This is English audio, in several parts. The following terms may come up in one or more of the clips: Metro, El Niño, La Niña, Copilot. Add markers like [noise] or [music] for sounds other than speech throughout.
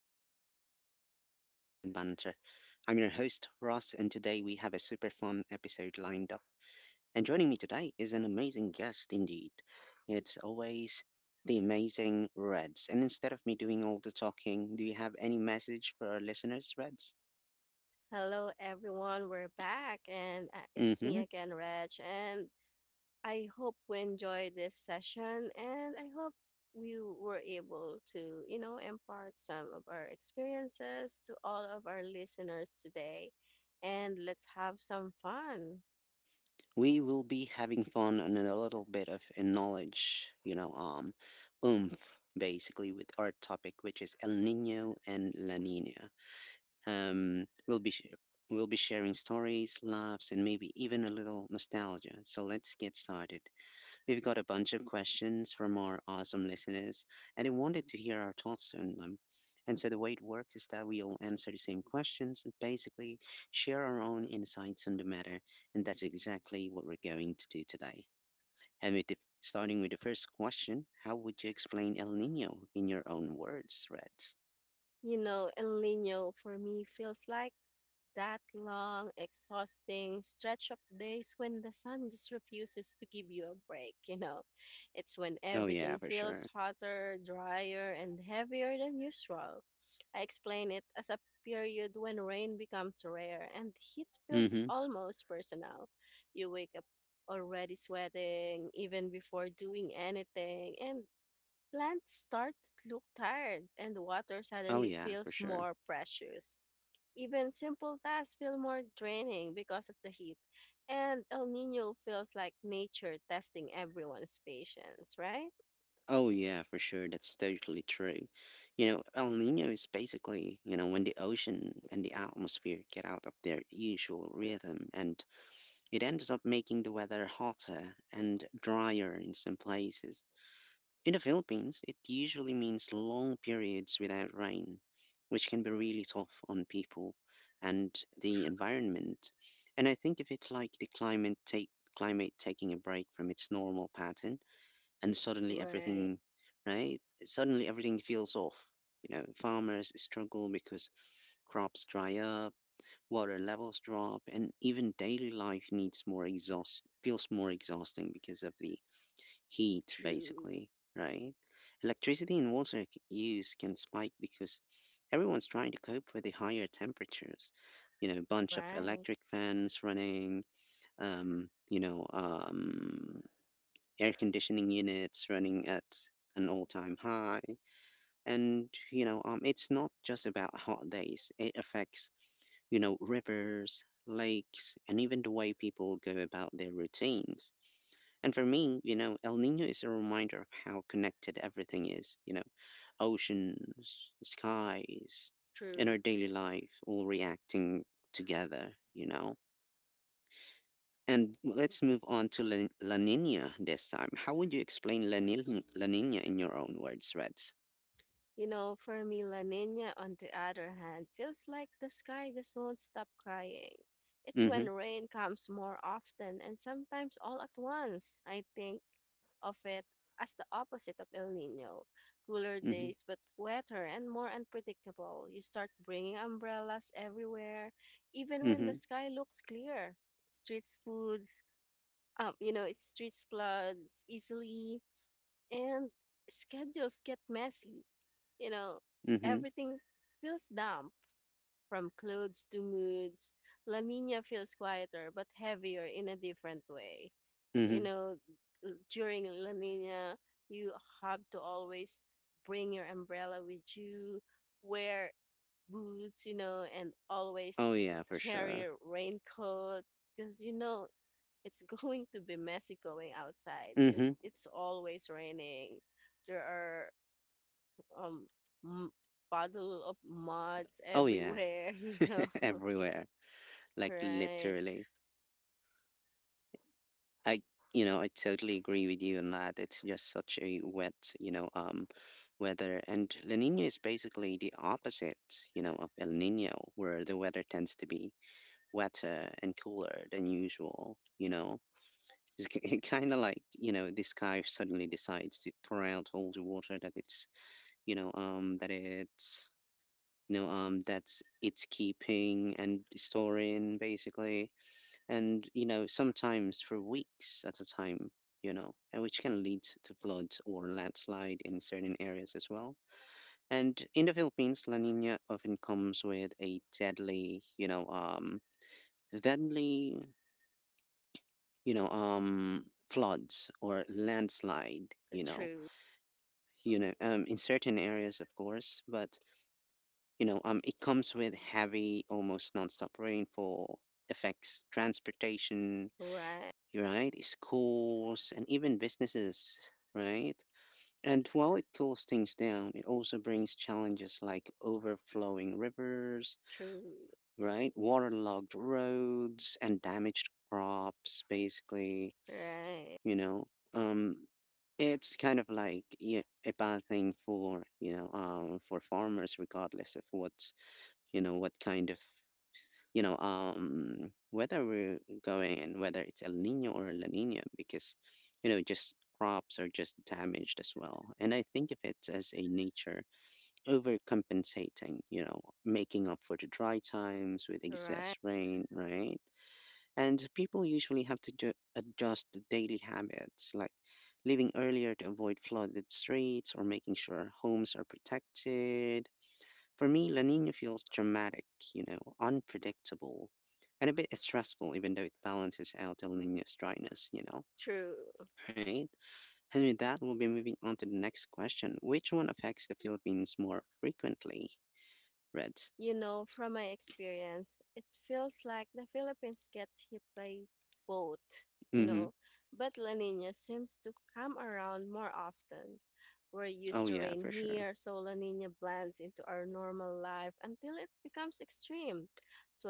your spot for light discussions and banter. I'm your host, Ross, and today we have a super fun episode lined up. And joining me today is an amazing guest indeed. It's always the amazing Reds. And instead of me doing all the talking, do you have any message for our listeners, Reds? Hello, everyone. We're back, and it's me Mm-hmm. again, Reg. And I hope we enjoyed this session, and I hope we were able to, you know, impart some of our experiences to all of our listeners today. And let's have some fun. We will be having fun and a little bit of a knowledge, oomph basically with our topic, which is El Nino and La Nina. Um, we'll be sh- we'll be sharing stories, laughs, and maybe even a little nostalgia. So let's get started. We've got a bunch of questions from our awesome listeners, and they wanted to hear our thoughts on them. And so the way it works is that we'll answer the same questions and basically share our own insights on the matter, and that's exactly what we're going to do today. And with starting with the first question, how would you explain El Nino in your own words, Reds? You know, El Nino for me feels like that long, exhausting stretch of days when the sun just refuses to give you a break, you know. It's when Oh yeah, everything for feels sure. hotter, drier, and heavier than usual. I explain it as a period when rain becomes rare and heat feels Mm-hmm. almost personal. You wake up already sweating, even before doing anything, and plants start to look tired, and water Oh suddenly yeah, for feels sure. more precious. Even simple tasks feel more draining because of the heat. And El Nino feels like nature testing everyone's patience, right? Oh yeah, for sure. That's totally true. El Nino is basically, when the ocean and the atmosphere get out of their usual rhythm, and it ends up making the weather hotter and drier in some places. In the Philippines, it usually means long periods without rain, which can be really tough on people and the [laughs] environment. And I think of it like the climate taking a break from its normal pattern and suddenly Right. Right? Suddenly everything feels off. You know, farmers struggle because crops dry up, water levels drop, and even daily life needs more exhaust feels more exhausting because of the heat, True. basically, right? Electricity and use can spike because everyone's trying to cope with the higher temperatures. You know, bunch of Right. electric fans running, um, you know, um, air conditioning units running at an all-time high, and it's not just about hot days. It affects, you know, rivers, lakes, and even the way people go about their routines. And for me, you know, El Nino is a reminder of how connected everything is, you know, oceans, skies, and True. our daily life, all reacting together, you know. And let's move on to La Nina this time. How would you explain La Nina in your own words, Reds? You know, for me, La Nina, on the other hand, feels like the sky just won't stop crying. It's Mm-hmm. when rain comes more often and sometimes all at once. I think of it as the opposite of El Nino, cooler Mm-hmm. days, but wetter and more unpredictable. You start bringing umbrellas everywhere, even when the Mm-hmm. sky looks clear. Streets foods, you know, it streets floods easily, and schedules get messy, you know, Mm-hmm. everything feels damp from clothes to moods. La Nina feels quieter but heavier in a different way. You Mm-hmm. know, during La Nina, you have to always bring your umbrella with you, wear boots, you know, and Oh always yeah, for carry sure. a raincoat because, you know, it's [laughs] going to be messy going outside since Mm-hmm. it's always raining. There are um m- puddle of muds Oh yeah, everywhere, [laughs] you know. [laughs] everywhere. Like Right. literally. I, you know, I totally agree with you on that. It's just such a wet, you know, um, weather. And La Nina is basically the opposite, you know, of El Nino, where the weather tends to be wetter and cooler than usual. You know, it's kind of like, you know, this guy suddenly decides to pour out all the water that it's, you know that's it's keeping and storing basically, and you know, sometimes for weeks at a time, you know, and which can lead to flood or landslide in certain areas as well. And in the Philippines, La Nina often comes with a deadly, deadly, you know, um, floods or landslide, True. you know, in certain areas, of course, but you know, it comes with heavy, almost nonstop rainfall, affects transportation, Right. right, schools, and even businesses, right? And while it cools things down, it also brings challenges like overflowing rivers, True. right, waterlogged roads, and damaged crops, basically, Right. you know. Um, It's kind of like, yeah, a bad thing for, you know, for farmers, regardless of what's, you know, what kind of, you know, whether we're going and whether it's El Nino or La Nina, because, you know, just crops are just damaged as well. And I think of it as a nature overcompensating, you know, making up for the dry times with excess Right. rain, right? And people usually have to adjust to daily habits like leaving earlier to avoid flooded streets or making sure homes are protected. For me, La Nina feels dramatic, you know, unpredictable, and a bit stressful, even though it balances out El Nino's dryness, you know. True. Right? And with that, we'll be moving on to the next question. Which one affects the Philippines more frequently? Reds. You know, from my experience, it feels like the Philippines gets hit by both, you Mm-hmm. know, but La Nina seems to come around more often. We're used Oh, to yeah, rain for sure. here, so La Nina blends into our normal life until it becomes extreme.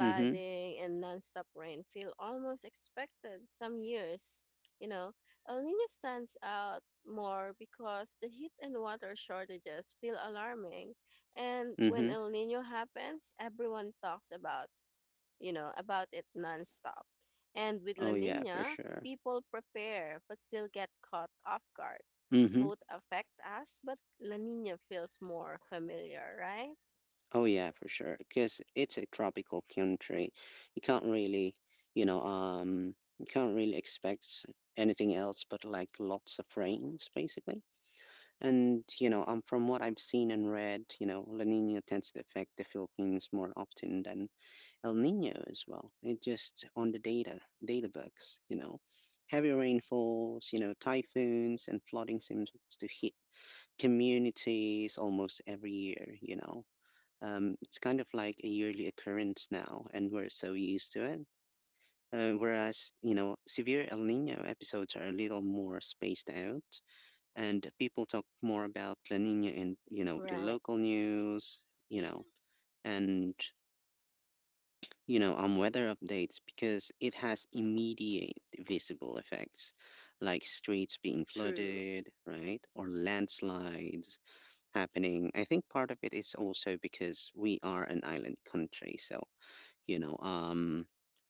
Mm-hmm. and nonstop rain feel almost expected some years, you know. El Nino stands out more because the heat and water shortages feel alarming, and when Mm-hmm. El Nino happens, everyone talks about, you know, about it nonstop. And with La Oh, yeah, for Nina, sure. people prepare but still get caught off guard. Mm-hmm. Both affect us, but La Nina feels more familiar, right? Oh yeah, for sure. Because it's a tropical country, you can't really, you can't really expect anything else but like lots of rains, basically. And you know, from what I've seen and read, you know, La Nina tends to affect the Philippines more often than El Nino as well. It just on the data books, you know, heavy rainfalls, you know, typhoons and flooding seems to hit communities almost every year. You know, it's kind of like a yearly occurrence now, and we're so used to it. Whereas, you know, severe El Nino episodes are a little more spaced out, and people talk more about La Nina in, you know, the Right. local news, you know, and, you know, on weather updates because it has immediate visible effects like streets being True. flooded, right? Or landslides happening. I think part of it is also because we are an island country, so you know, um,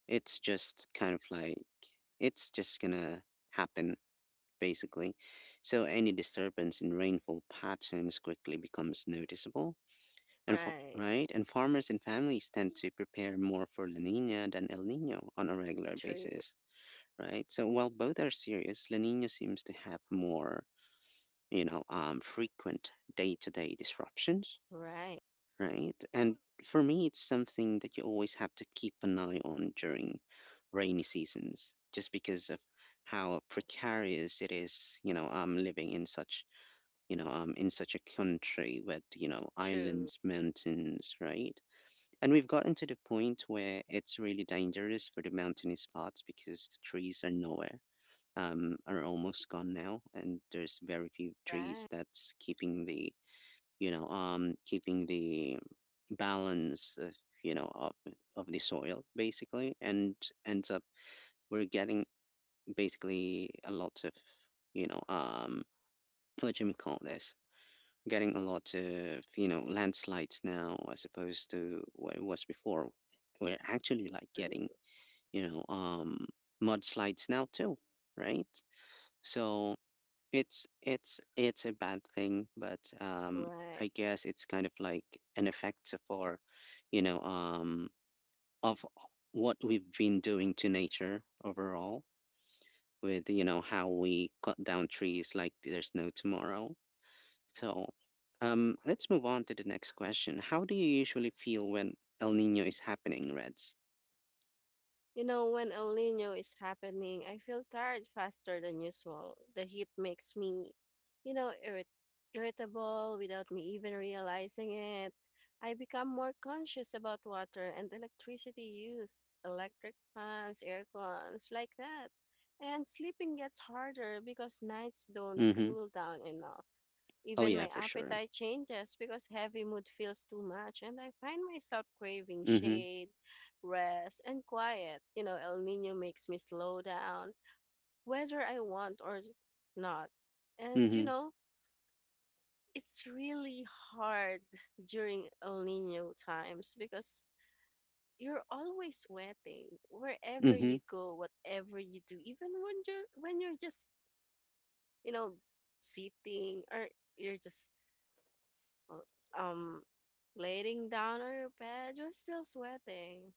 it's just kind of like it's just gonna happen basically, so any disturbance in rainfall patterns quickly becomes noticeable, and Right. right, and farmers and families tend to prepare more for La Nina than El Nino on a regular True. basis, right? So while both are serious, La Nina seems to have more, you know, um, frequent day-to-day disruptions, Right. right? And for me, it's something that you always have to keep an eye on during rainy seasons, just because of how precarious it is. You know, I'm living in such, you know, in such a country with, you know, True. islands, mountains, right? And we've gotten to the point where it's really dangerous for the mountainy spots because the trees are nowhere. Are almost gone now, and there's very few trees Right. that's keeping the, you know, keeping the balance, you know, of the soil basically, and ends up we're getting basically a lot of, you know, what do you call this? Getting a lot of, you know, landslides now as opposed to what it was before. We're actually like True. getting, you know, um, mudslides now too, right? So it's a bad thing, but Right. I guess it's kind of like an effect for, you know, of what we've been doing to nature overall with, you know, how we cut down trees like there's no tomorrow. So, let's move on to the next question. How do you usually feel when El Nino is happening, Reds? You know, when El Nino is happening, I feel tired faster than usual. The heat makes me, you know, irritable without me even realizing it. I become more conscious about water and electricity use, electric fans, air cons, like that. And sleeping gets harder because nights don't Mm-hmm. cool down enough. Oh Even yeah, my for sure. appetite changes because heavy mood feels too much, and I find myself craving Mm-hmm. shade, rest, and quiet. You know, El Nino makes me slow down, whether I want or not. And, you Mm-hmm. know, it's really hard during El Nino times because you're always sweating wherever you Mhm. go, whatever you do, even when you're just, you know, sitting or you're just uh, um laying down on your bed, you're still sweating.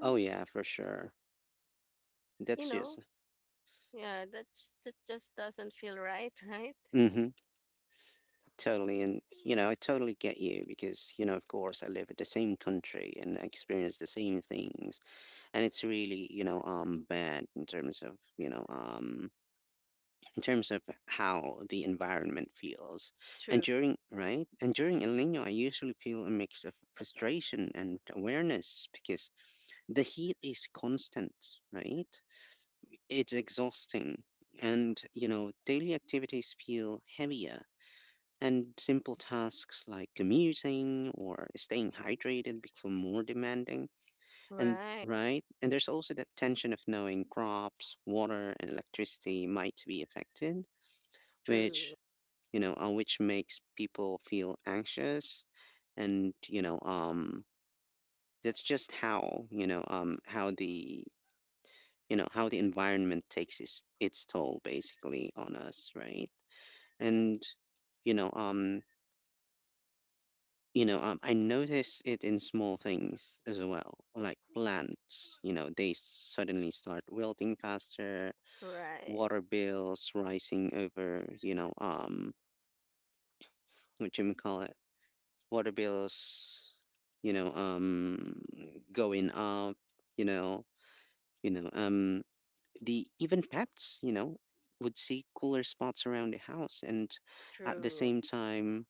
Oh, yeah, for sure. you That's know, just yeah, that just doesn't feel right, [laughs] right? mhm. Totally. And, you know, I totally get you because, you know, of course, I live in the same country and I experience the same things. And it's really, you know, bad in terms of, you know, in terms of how the environment feels. And True. Right? And during El Nino, I usually feel a mix of frustration and awareness because the heat is constant, right? It's exhausting, and you know, daily activities feel heavier, and simple tasks like commuting or staying hydrated become more demanding. And Right. right, and there's also that tension of knowing crops, water, and electricity might be affected, which, True. you know, which makes people feel anxious, and you know, that's just how, you know, how the, you know, how the environment takes its toll basically on us, right? And you know um you know, I notice it in small things as well, like plants, you know, they suddenly start wilting faster, Right. water bills rising over, you know, um, what you call it, water bills, you know, um, going up, you know, you know, um, the even pets, you know, would see cooler spots around the house. And at the True. same time,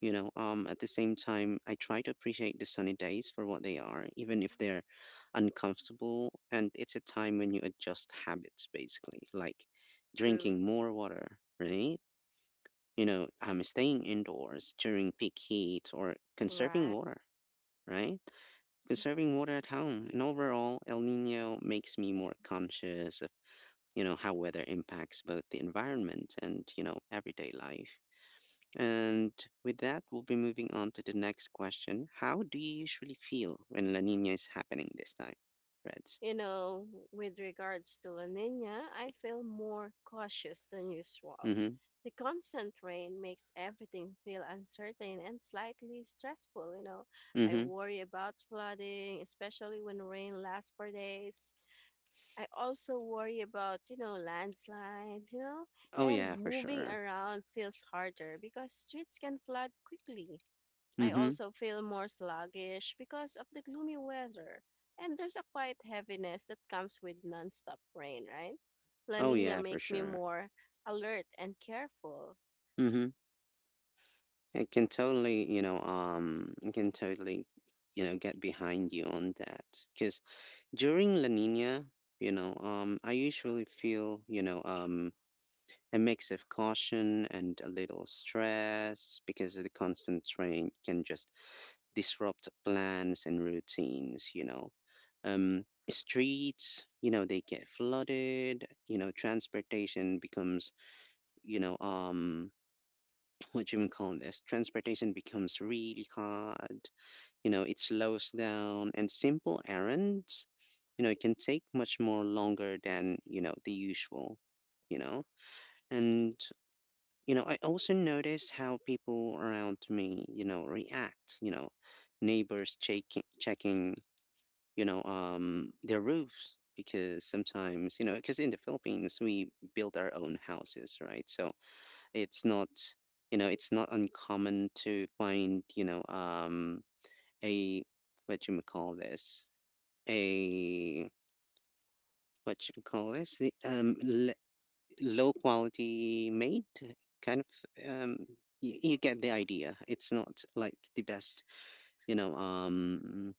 you know, at the same time, I try to appreciate the sunny days for what they are, even if they're uncomfortable. And it's a time when you adjust habits, basically, like True. drinking more water, right? You know, staying indoors during peak heat or conserving Right. water, right? Conserving water at home. And overall, El Nino makes me more conscious of, you know, how weather impacts both the environment and, you know, everyday life. And with that, we'll be moving on to the next question. How do you usually feel when La Nina is happening this time, Reds? You know, with regards to La Nina, I feel more cautious than usual. Mm-hmm. The constant rain makes everything feel uncertain and slightly stressful, you know. I Mm-hmm. worry about flooding, especially when rain lasts for days. I also worry about, you know, landslides, you know, Oh and yeah, for moving sure. around feels harder because streets can flood quickly. I Mm-hmm. also feel more sluggish because of the gloomy weather. And there's a quiet heaviness that comes with nonstop rain, right? La Oh Nina yeah, for makes me sure. more alert and careful. Mm-hmm. It can totally, you know, it can totally, you know, get behind you on that. Because during La Nina, I usually feel, a mix of caution and a little stress because the constant train can just disrupt plans and routines. Streets, they get flooded, transportation becomes, you know, um, [laughs] [clears throat] what do you call this? Transportation becomes really hard, it slows down, and simple errands, it can take much more longer than, the usual, you know. And I also noticed how people around me react, neighbors checking their roofs, because sometimes, because in the Philippines we build our own houses, right? So it's not, it's not uncommon to find, a, what you may call this, a, what you call this, the, low quality made kind of um you get the idea, it's not like the best, you know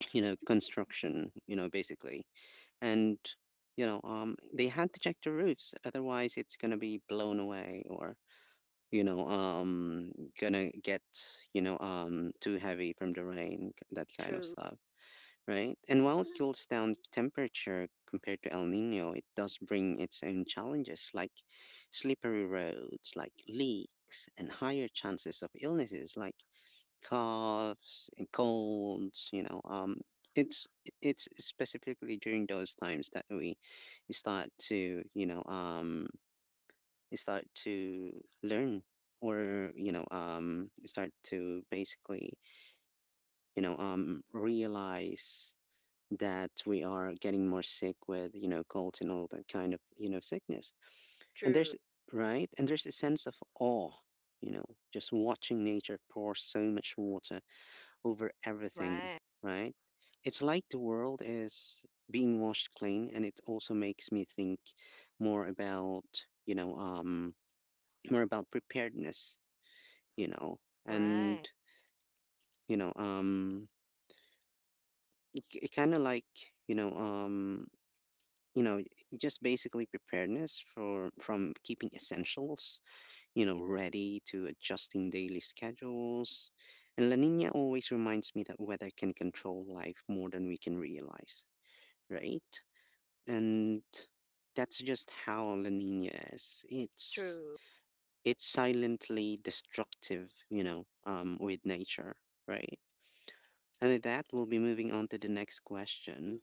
[clears throat] construction, you know, basically. And they had to check the roofs, otherwise it's going to be blown away, or you know um going to get too heavy from the rain, that kind of True, stuff, right? And while it cools down temperature compared to El Nino, it does bring its own challenges like slippery roads, like leaks, and higher chances of illnesses like coughs and colds. It's it's specifically during those times that we start to, you know, um, start to learn, or, you know, start to basically realize that we are getting more sick with colds and all that kind of sickness. And true. there's, right? And there's a sense of awe, you know, just watching nature pour so much water over everything, Right, right? It's like the world is being washed clean. And it also makes me think more about, you know, um, more about preparedness, you know, and, right. you know, um, it kind of like, you know, um, you know just basically preparedness, for from keeping essentials ready to adjusting daily schedules. And La Nina always reminds me that weather can control life more than we can realize, right? And that's just how La Nina is. it's True. it's silently destructive, you know with nature, right? And with that, we'll be moving on to the next question.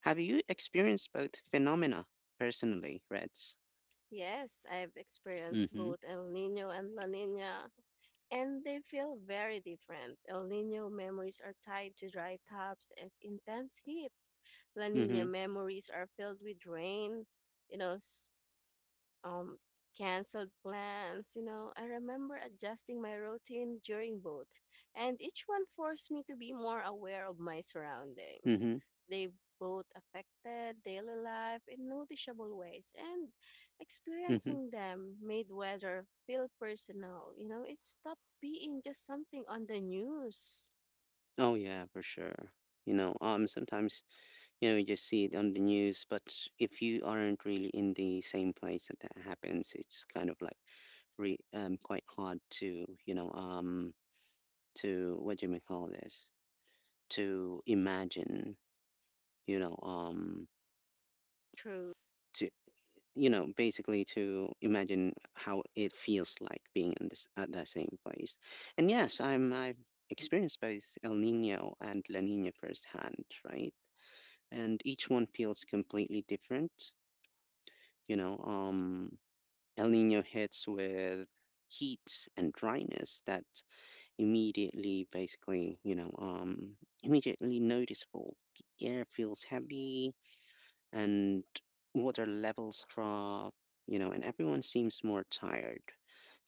Have you experienced both phenomena personally, Reds? Yes, I've experienced Mhm, both El Nino and La Nina and they feel very different. El Nino memories are tied to dry tops and intense heat. La Nina mhm, memories are filled with rain, you know, s- um, canceled plans. You know, I remember adjusting my routine during both, and each one forced me to be more aware of my surroundings. mhm, They both affected daily life in noticeable ways, and mhm. experiencing them made weather feel personal. You know, it stopped being just something on the news. Oh yeah, for sure. Sometimes you just see it on the news, but if you aren't really in the same place that that happens, it's kind of like re quite hard to, to, what do you may call this, to imagine, you know um True, to, basically to imagine how it feels like being in this at the same place. And yes, I've experienced both El Nino and La Nina firsthand, right? And each one feels completely different. You know, um, El Nino hits with heat and dryness that immediately, basically, you know, immediately noticeable. The air feels heavy and water levels drop and everyone seems more tired,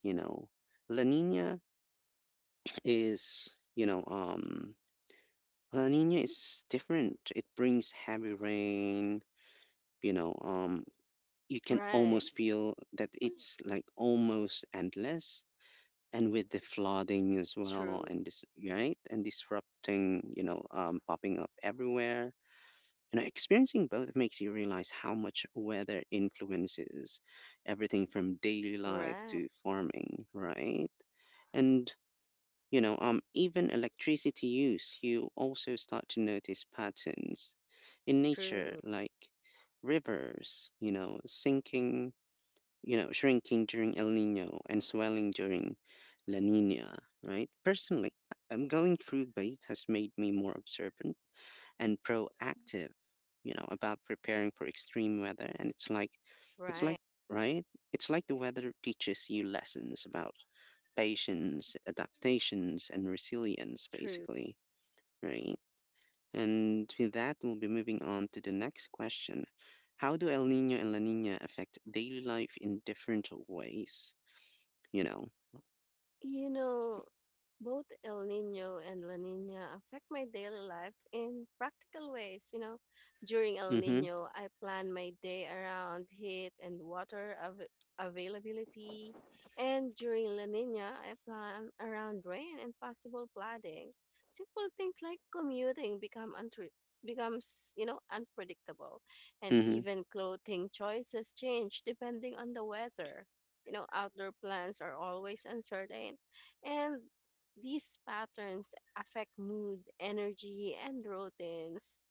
you know. La Nina is, you know, um, La Nina is different. It brings heavy rain, you know, um, you can right, almost feel that it's like almost endless. And with the flooding as well, true, and this, right? And disrupting, popping up everywhere. Experiencing both makes you realize how much weather influences everything from daily life right, to farming, right? And even electricity use, you also start to notice patterns in nature, true, like rivers, sinking, shrinking during El Nino and swelling during La Nina, right? Personally, I'm going through both has made me more observant and proactive, about preparing for extreme weather. And it's like, right, right? it's like the weather teaches you lessons about patience, adaptations, and resilience, true. basically, right? And with that, we'll be moving on to the next question. How do El Nino and La Nina affect daily life in different ways, you know? You know, both El Nino and La Nina affect my daily life in practical ways. You know, during El Mm-hmm. Nino, I plan my day around heat and water availability, and during La Nina, I plan around rain and possible flooding. Simple things like commuting become untre- becomes, you know, unpredictable, and Mm-hmm. even clothing choices change depending on the weather. You know, outdoor plans are always uncertain, and these patterns affect mood, energy, and routines.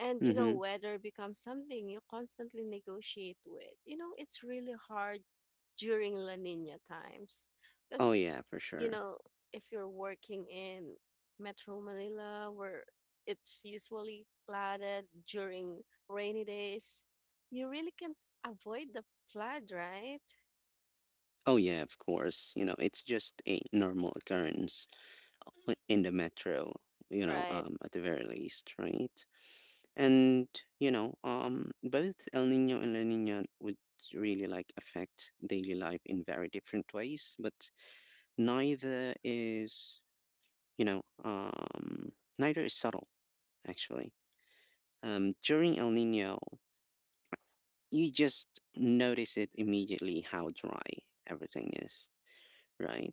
And you know, Mm-hmm. weather becomes something you constantly negotiate with. You know, it's really hard during La Nina times because, Oh yeah, for you sure. know, if you're working in Metro Manila where it's usually flooded during rainy days, you really can't avoid the flood, right? Oh yeah, of course. It's just a normal occurrence, like, in the metro, Right. At the very least, right? And, both El Nino and La Nina would really like affect daily life in very different ways, but neither is, you know, um, neither is subtle, actually. During El Nino, you just notice it immediately how dry everything is, right?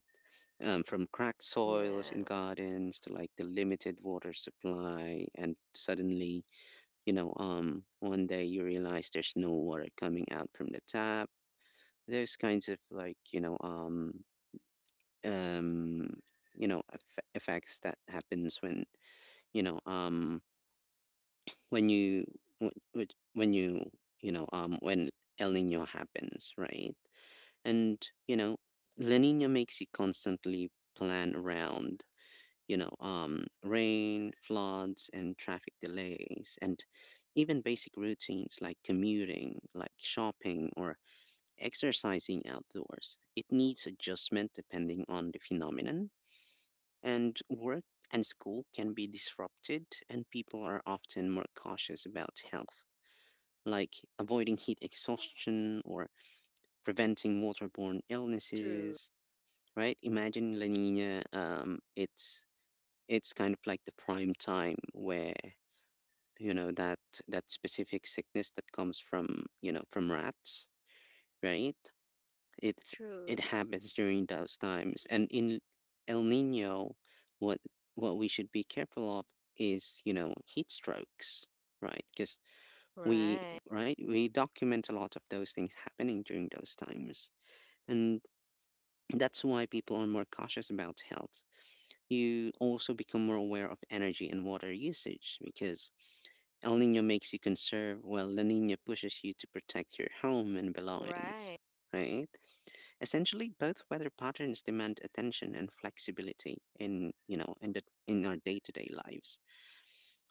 From cracked soils in Yeah, gardens to like the limited water supply. And suddenly, one day you realize there's no water coming out from the tap, those kinds of, like, um effects that happens when, you know um when you when you know when El Nino happens, right? And La Nina makes you constantly plan around, rain, floods, and traffic delays, and even basic routines like commuting, like shopping, or exercising outdoors. It needs adjustment depending on the phenomenon, and work and school can be disrupted, and people are often more cautious about health, like avoiding heat exhaustion or preventing waterborne true, illnesses. Right? Imagine La Nina. It's kind of like the prime time where that, that specific sickness that comes from, from rats, right? it's true. it happens during those times. And in El Nino, what what we should be careful of is, heat strokes, right? Because we Right, right we document a lot of those things happening during those times. And that's why people are more cautious about health. You also become more aware of energy and water usage because El Nino makes you conserve, while La Nina pushes you to protect your home and belongings, right. right? Essentially, both weather patterns demand attention and flexibility in, in our day-to-day lives.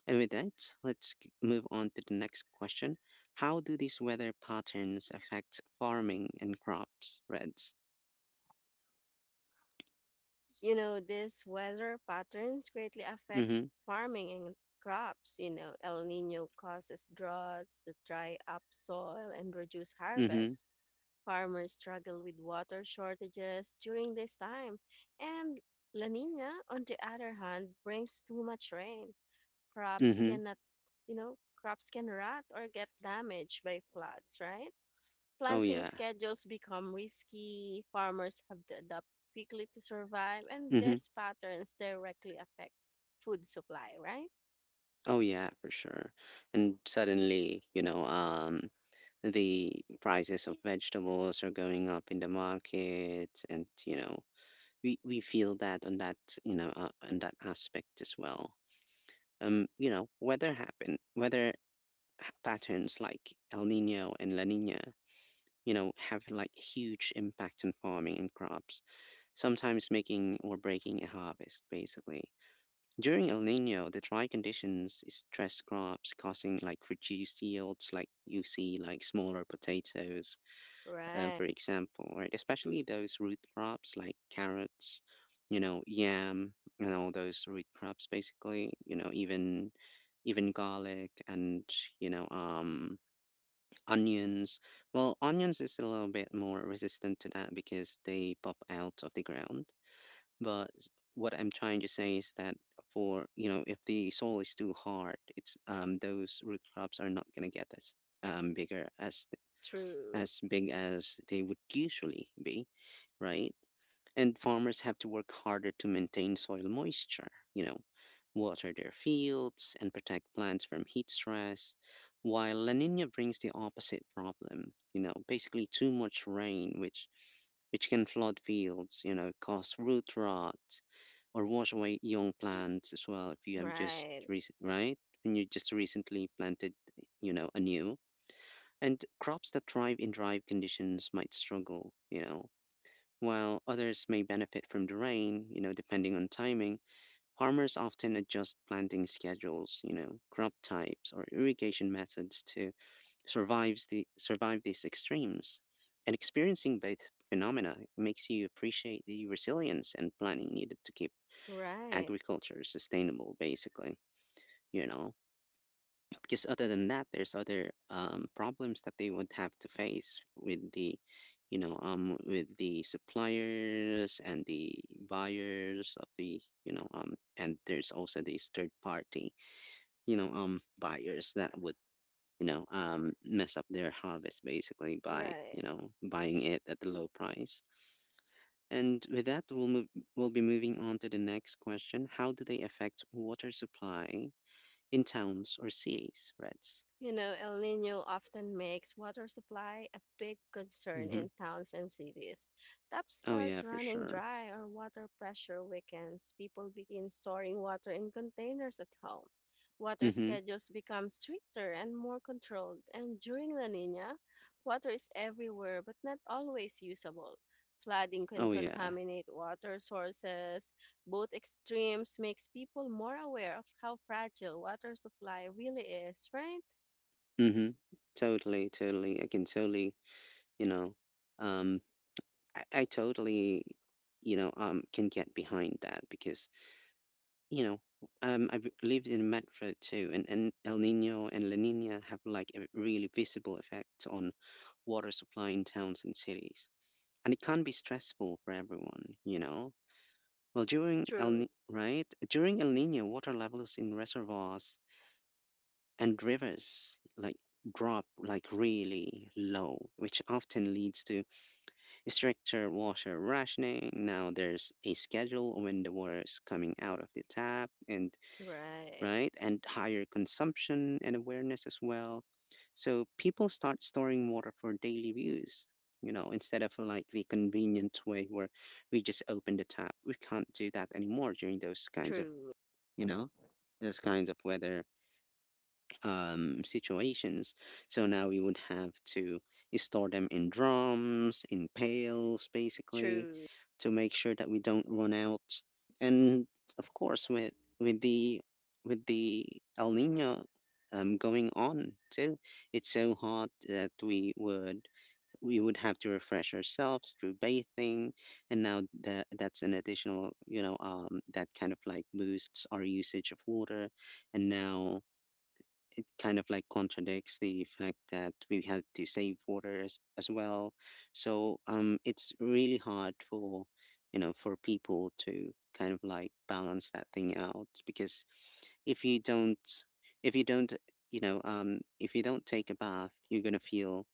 And with that, let's move on to the next question. How do these weather patterns affect farming and crops, Reds? You know, these weather patterns greatly affect Mm-hmm. farming and crops. You know, El Nino causes droughts that dry up soil and reduce Mm-hmm. harvest. Farmers struggle with water shortages during this time. And La Nina, on the other hand, brings too much rain. Crops Mm-hmm. cannot, you know, crops can rot or get damaged by floods, right? Oh Planting yeah. schedules become risky, farmers have to adapt quickly to survive, and Mm-hmm. these patterns directly affect food supply, right? Oh yeah, for sure. And suddenly, the prices of vegetables are going up in the market. And we feel that on that, on that aspect as well. Weather happen weather ha- Patterns like El Nino and La Nina, you know, have like huge impact on farming and crops, sometimes making or breaking a harvest, basically. During El Nino, the dry conditions stress crops, causing like reduced yields, like you see like smaller potatoes, Right. for example, right? Especially those root crops like carrots, yam, and all those root crops, basically, even garlic and you know um onions. Well, onions is a little bit more resistant to that because they pop out of the ground. But what I'm trying to say is that, for, if the soil is too hard, it's those root crops are not going to get as bigger True. as big as they would usually be, right? And farmers have to work harder to maintain soil moisture, you know, water their fields and protect plants from heat stress, while La Nina brings the opposite problem, basically too much rain, which can flood fields, cause root rot or wash away young plants as well, if you have just Right. recent, right? When you just recently planted anew. And crops that thrive in dry conditions might struggle, while others may benefit from the rain, depending on timing. Farmers often adjust planting schedules, crop types or irrigation methods to survive these extremes. And experiencing both phenomena makes you appreciate the resilience and planning needed to keep Right. agriculture sustainable, basically, you know because other than that there's other, problems that they would have to face with the, with the suppliers and the buyers of the, and there's also these third party, buyers that would, mess up their harvest, basically, by Right. Buying it at the low price. And with that, we'll be moving on to the next question. How do they affect water supply in towns or cities, Reds? You know, El Nino often makes water supply a big concern in towns and cities. Taps Oh start yeah, for running sure. dry or water pressure weakens. People begin storing water in containers at home. Water Mhm. schedules become stricter and more controlled. And during La Nina, water is everywhere but not always usable. Flooding can Oh yeah. contaminate water sources. Both extremes makes people more aware of how fragile water supply really is, right? Mhm. Totally, totally. I can totally, you know, um I totally, can get behind that because, you know, I've lived in Metro too, and El Nino and La Nina have like a really visible effect on water supply in towns and cities. And it can be stressful for everyone. Well, during El True. Ni- right? During El Nino, water levels in reservoirs and rivers drop like really low, which often leads to stricter water rationing. Now there's a schedule when the water is coming out of the tap, and Right. right, and higher consumption and awareness as well. So people start storing water for daily use. Instead of like the convenient way where we just open the tap, we can't do that anymore during those kinds of, True. you know, those kinds of weather situations. So now we would have to store them in drums, in pails, basically, True. to make sure that we don't run out. And of course, with the with the El Nino going on too, it's so hot that we would have to refresh ourselves through bathing, and now that that's an additional, that kind of like boosts our usage of water, and now it kind of like contradicts the fact that we have to save water as well. So it's really hard for, you know, for people to kind of like balance that thing out, because if you don't if you don't if you don't take a bath you're gonna feel,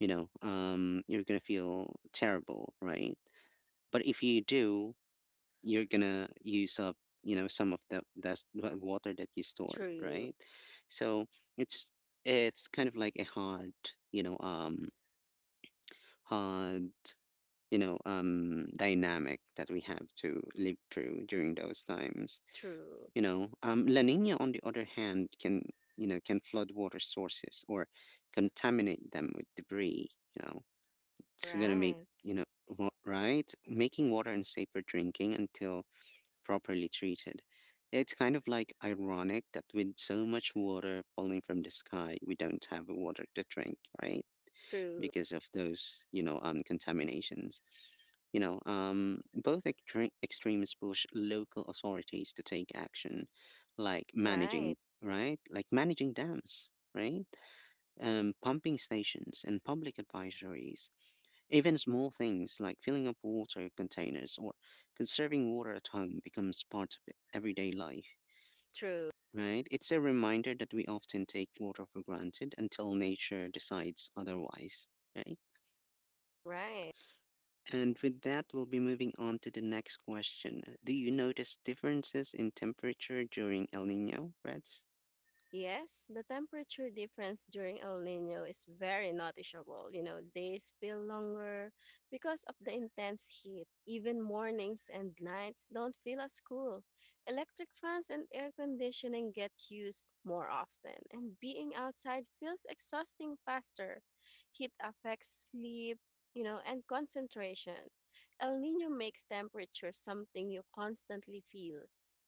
you're gonna feel terrible, right? But if you do, you're gonna use up, you know, some of the water that you stored, True. right? So it's it's kind of like a hard you know hard dynamic that we have to live through during those times. True. La Nina, on the other hand, can, you know, can flood water sources or contaminate them with debris, you know. It's gonna make, Right. you know, right, making water unsafe for drinking until properly treated. It's kind of like ironic that with so much water falling from the sky, we don't have water to drink, right? True. Because of those, contaminations. Both extremes push local authorities to take action, like Right. managing, right? Like managing dams, right? Pumping stations and public advisories, even small things like filling up water containers or conserving water at home becomes part of everyday life, True. right? It's a reminder that we often take water for granted until nature decides otherwise, right? Right. And with that, we'll be moving on to the next question. Do you notice differences in temperature during El Nino, Reds? Yes, the temperature difference during El Nino is very noticeable. You know, days feel longer because of the intense heat. Even mornings and nights don't feel as cool. Electric fans and air conditioning get used more often, and being outside feels exhausting faster. Heat affects sleep, you know, and concentration. El Nino makes temperature something you constantly feel,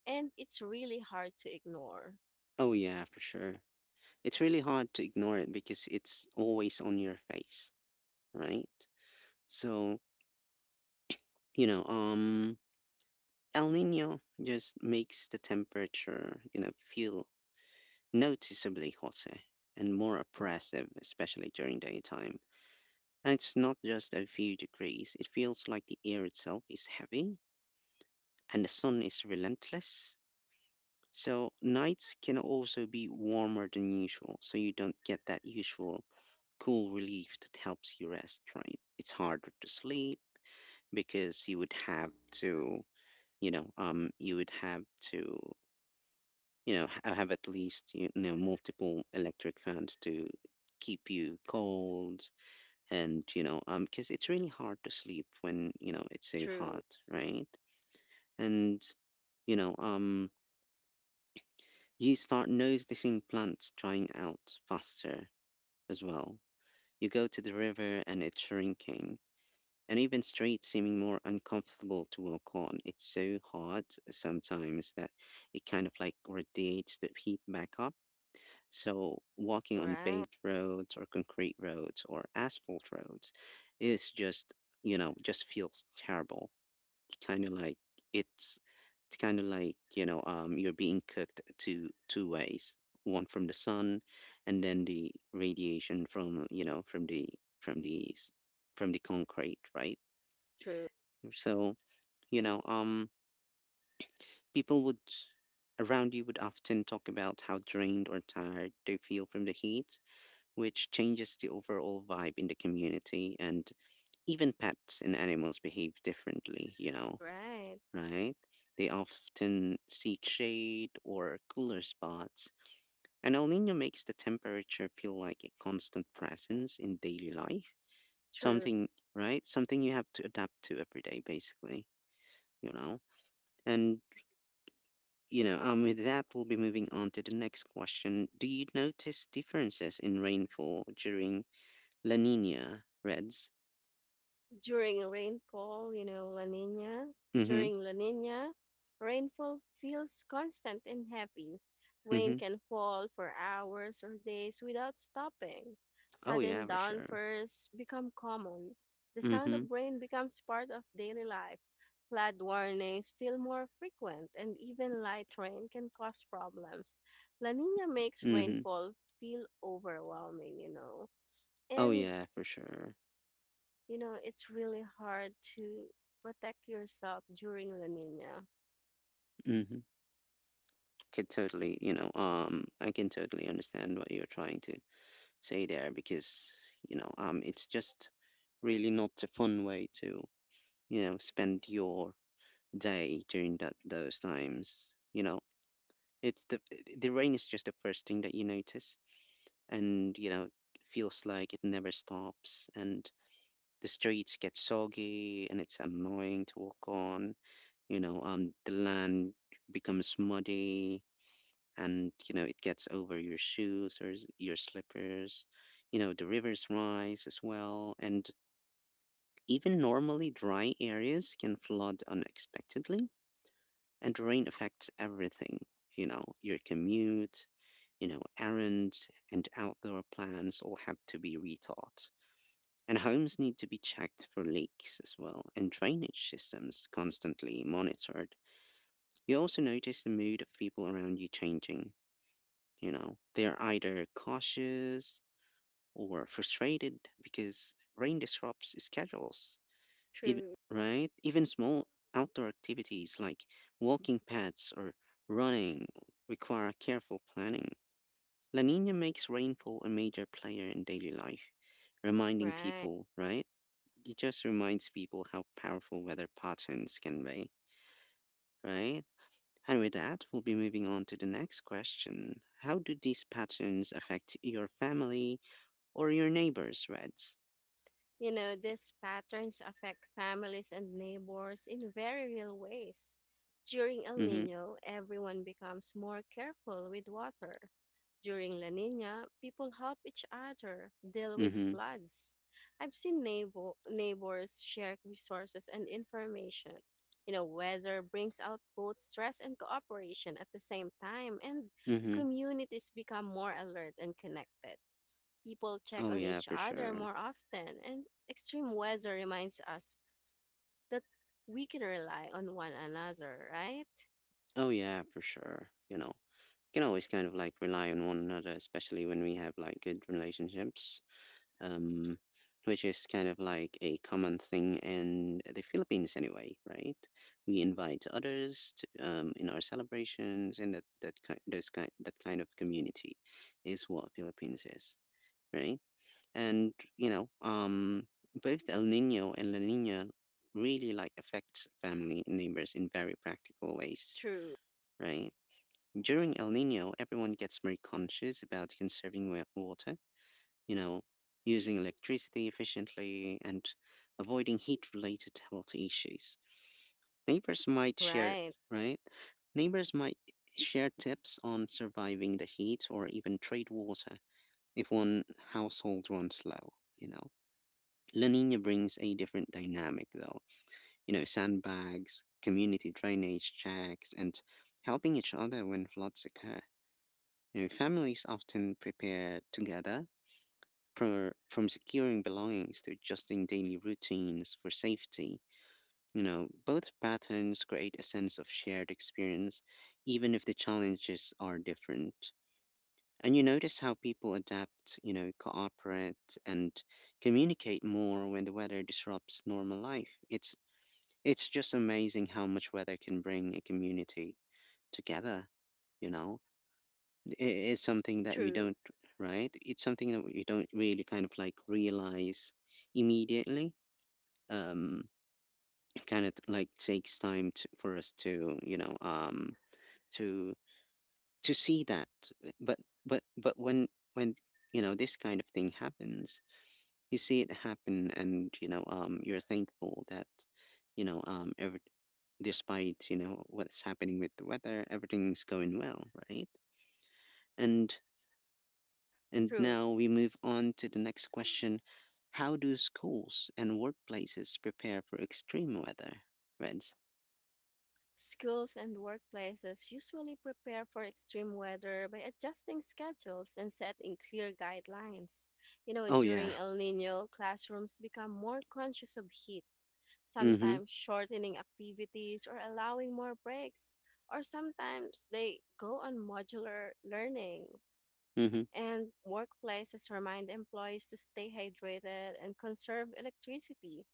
and it's really hard to ignore. Oh, yeah, for sure. It's really hard to ignore it because it's always on your face, right? So, you know, um, El Nino just makes the temperature, you know, feel noticeably hotter and more oppressive, especially during daytime. And it's not just a few degrees, it feels like the air itself is heavy and the sun is relentless. So nights can also be warmer than usual, so you don't get that usual cool relief that helps you rest, right? It's harder to sleep because you would have to, you would have to, you know, have at least, you know, multiple electric fans to keep you cold, and, because it's really hard to sleep when, you know, it's so True. hot, right? And, you know, um, you start noticing plants drying out faster as well. You go to the river and it's shrinking, and even streets seeming more uncomfortable to walk on. It's so hot sometimes that it kind of like radiates the heat back up. So, walking on Right. paved roads or concrete roads or asphalt roads is just, you know, just feels terrible, kind of like, it's it's kind of like, you're being cooked two ways, one from the sun, and then the radiation from, you know, from the, from the s- from the concrete, right? True. So, you know um people would, around you would often talk about how drained or tired they feel from the heat, which changes the overall vibe in the community, and even pets and animals behave differently, you know, Right. right? They often seek shade or cooler spots, and El Nino makes the temperature feel like a constant presence in daily life. True. Something, right? Something you have to adapt to every day, basically, you know? And, with that, we'll be moving on to the next question. Do you notice differences in rainfall during La Nina, Reds? During rainfall, you know, La Nina, Mm-hmm. during La Nina, rainfall feels constant and heavy. Rain Mm-hmm. can fall for hours or days without stopping. Oh, Sudden yeah, for sure. downpours become common. The sound Mm-hmm. of rain becomes part of daily life. Flood warnings feel more frequent, and even light rain can cause problems. La Nina makes Mm-hmm. rainfall feel overwhelming, you know. Oh, And yeah, for sure. you know, it's really hard to protect yourself during La Nina. Mm-hmm. Could totally, I can totally understand what you're trying to say there, because, it's just really not a fun way to, you know, spend your day during that those times. You know, it's the rain is just the first thing that you notice, and, you know, feels like it never stops, and the streets get soggy, and it's annoying to walk on. The land becomes muddy, and you know it gets over your shoes or your slippers. You know, the rivers rise as well, and even normally dry areas can flood unexpectedly, and rain affects everything, you know, your commute, you know, errands and outdoor plans all have to be rethought, and homes need to be checked for leaks as well, and drainage systems constantly monitored. You also notice the mood of people around you changing. You know, they're either cautious or frustrated because rain disrupts schedules, even, True. right? Even small outdoor activities like walking paths or running require careful planning. La Nina makes rainfall a major player in daily life, reminding Right. people, right? It just reminds people how powerful weather patterns can be, right? And with that, we'll be moving on to the next question. How do these patterns affect your family or your neighbors' rents? You know, these patterns affect families and neighbors in very real ways. During El Mm-hmm. Nino, everyone becomes more careful with water. During La Nina, people help each other deal with Mm-hmm. floods. I've seen neighbors share resources and information. You know, weather brings out both stress and cooperation at the same time, and Mm-hmm. communities become more alert and connected, people check Oh on yeah, each for other sure. more often, and extreme weather reminds us that we can rely on one another, right? Oh yeah, for sure. You know, you can always kind of like rely on one another, especially when we have like good relationships. Um, which is kind of like a common thing in the Philippines anyway, right? We invite others to, in our celebrations, and that kind of community is what Philippines is, right? And both El Nino and La Nina really like affects family and neighbors in very practical ways, True, right? During El Nino, everyone gets more conscious about conserving water, you know, using electricity efficiently and avoiding heat related health issues. neighbors might share right, right Neighbors might share tips on surviving the heat, or even trade water if one household runs low, you know. La Nina brings a different dynamic, though. You know, sandbags, community drainage checks, and helping each other when floods occur. You know, families often prepare together from securing belongings to adjusting daily routines for safety. You know, both patterns create a sense of shared experience, even if the challenges are different. And you notice how people adapt, you know, cooperate and communicate more when the weather disrupts normal life. It's just amazing how much weather can bring a community together, you know? I- It's something that we true, don't, right? It's something that we don't really kind of like realize immediately. Um, it kind of like takes time to, for us to, to to see that. But but but when when you know this kind of thing happens, you see it happen, and you're thankful that, you know um every, despite you know what's happening with the weather, everything's going well, right? And and true. now we move on to the next question. How do schools and workplaces prepare for extreme weather, Reds? Schools and workplaces usually prepare for extreme weather by adjusting schedules and setting clear guidelines. You know, Oh yeah. during El Nino, classrooms become more conscious of heat, Mhm. sometimes shortening activities or allowing more breaks, or sometimes they go on modular learning. Mhm. And workplaces remind employees to stay hydrated and conserve electricity.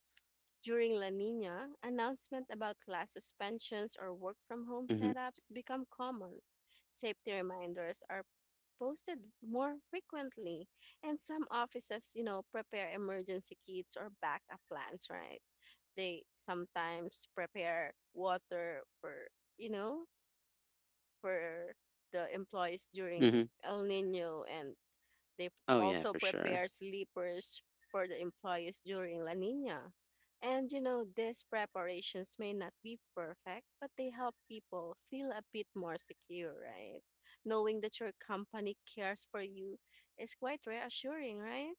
During La Nina, announcement about class suspensions or work from home Mhm. setups become common. Safety reminders are posted more frequently, and some offices, you know, prepare emergency kits or backup plans, right? They sometimes prepare water for, you know, for the employees during Mhm. El Nino, and they Oh yeah, also for sure. prepare sleepers for the employees during La Nina. And you know, these preparations may not be perfect, but they help people feel a bit more secure, right? Knowing that your company cares for you is quite reassuring, right?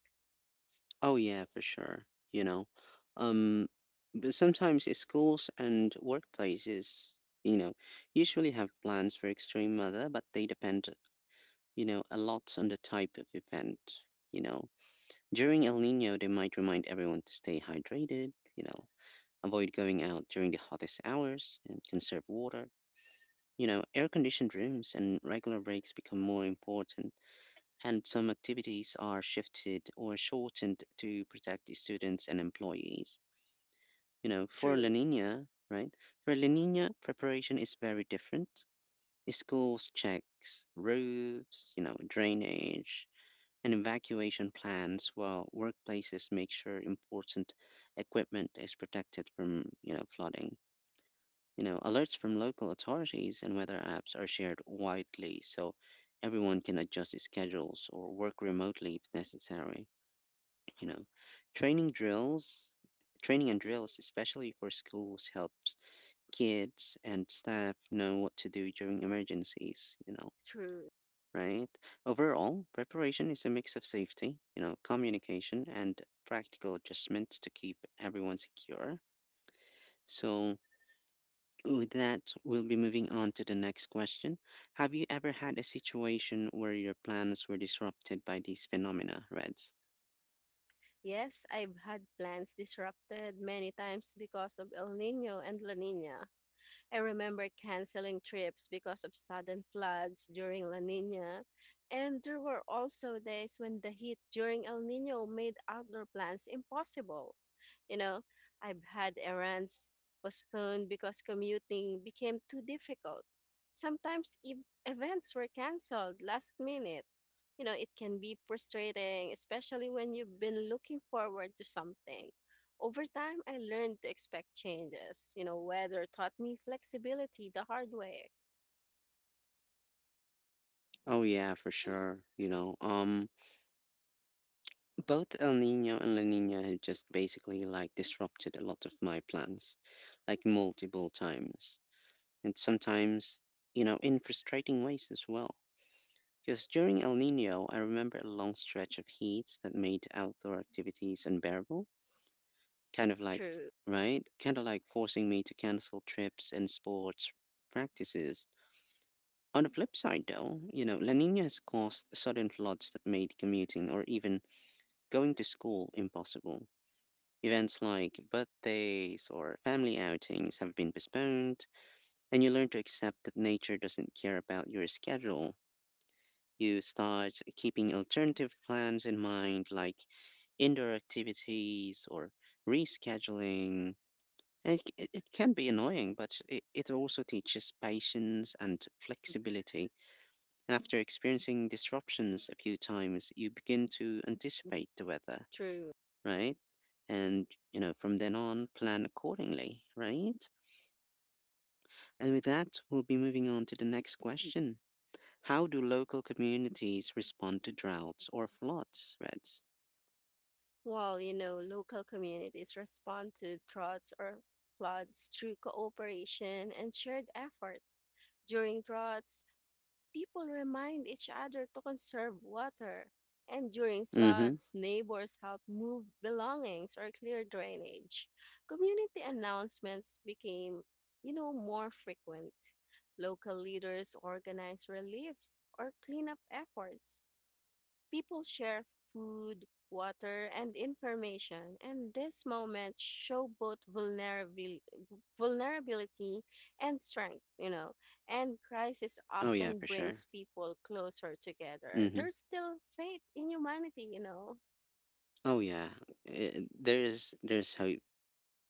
Oh yeah, for sure. You know, um, but sometimes, schools and workplaces, you know, usually have plans for extreme weather, but they depend, you know, a lot on the type of event. You know, during El Nino, they might remind everyone to stay hydrated. You know, avoid going out during the hottest hours and conserve water. You know, air conditioned rooms and regular breaks become more important, and some activities are shifted or shortened to protect the students and employees. You know, for La True, Nina, right? For La Nina, preparation is very different. Schools checks roofs, you know, drainage, and evacuation plans, while workplaces make sure important equipment is protected from, you know, flooding. You know, alerts from local authorities and weather apps are shared widely, so everyone can adjust schedules or work remotely if necessary. You know, training drills, training and drills, especially for schools, helps kids and staff know what to do during emergencies, you know, true. right? Overall, preparation is a mix of safety, you know, communication, and practical adjustments to keep everyone secure. So, with that, we'll be moving on to the next question. Have you ever had a situation where your plans were disrupted by these phenomena, Reds? Yes, I've had plans disrupted many times because of El Nino and La Nina. I remember canceling trips because of sudden floods during La Nina. And there were also days when the heat during El Nino made outdoor plans impossible. You know, I've had errands postponed because commuting became too difficult. Sometimes events were canceled last minute. You know, it can be frustrating, especially when you've been looking forward to something. Over time, I learned to expect changes. You know, weather taught me flexibility the hard way. Oh yeah, for sure. Both El Nino and La Nina had just basically like disrupted a lot of my plans, like multiple times, and sometimes, in frustrating ways as well. Because during El Nino, I remember a long stretch of heat that made outdoor activities unbearable kind of like, True, right? Kind of like forcing me to cancel trips and sports practices. On the flip side, though, La Nina has caused sudden floods that made commuting or even going to school impossible. Events like birthdays or family outings have been postponed, and you learn to accept that nature doesn't care about your schedule. You start keeping alternative plans in mind, like indoor activities or rescheduling. It can be annoying, but it also teaches patience and flexibility. And after experiencing disruptions a few times, you begin to anticipate the weather, true. right? And, from then on, plan accordingly, right? And with that, we'll be moving on to the next question. How do local communities respond to droughts or floods, Reds? While, you know, local communities respond to droughts or floods through cooperation and shared effort. During droughts, people remind each other to conserve water. And during Mm-hmm. floods, neighbors help move belongings or clear drainage. Community announcements became, you know, more frequent. Local leaders organize relief or cleanup efforts. People share food, water, and information, and this moment show both vulnerability vulnerability, and strength, And crisis Oh, yeah, often for sure. brings people closer together. Mm-hmm. There's still faith in humanity, Oh, yeah. There's hope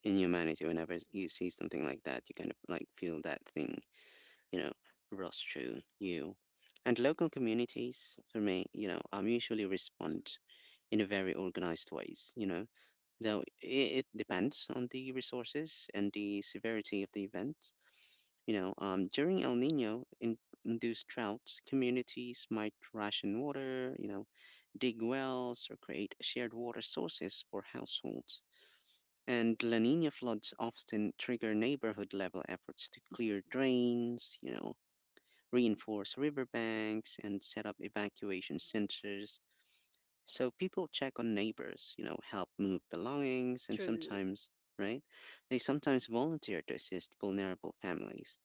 in humanity whenever you see something like that. You kind of like feel that thing, you know rush through you. And local communities for me, usually respond in a very organized ways, though it depends on the resources and the severity of the event. During El Nino in induced droughts, communities might ration water, dig wells or create shared water sources for households. And La Nina floods often trigger neighborhood level efforts to clear drains, reinforce riverbanks, and set up evacuation centers. So people check on neighbors, help move belongings, and True. sometimes, right, they sometimes volunteer to assist vulnerable families.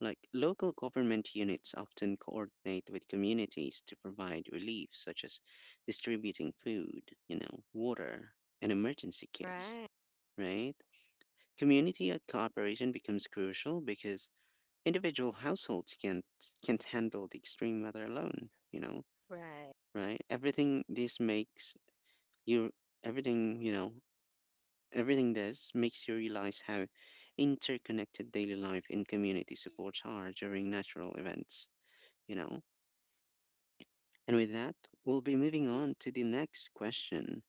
Like local government units often coordinate with communities to provide relief, such as distributing food, water, and emergency kits, Right, right? Community and cooperation becomes crucial because individual households can't handle the extreme weather alone, right. right? You everything, you know, everything this makes you realize how interconnected daily life and community supports are during natural events. You know. And with that, we'll be moving on to the next question.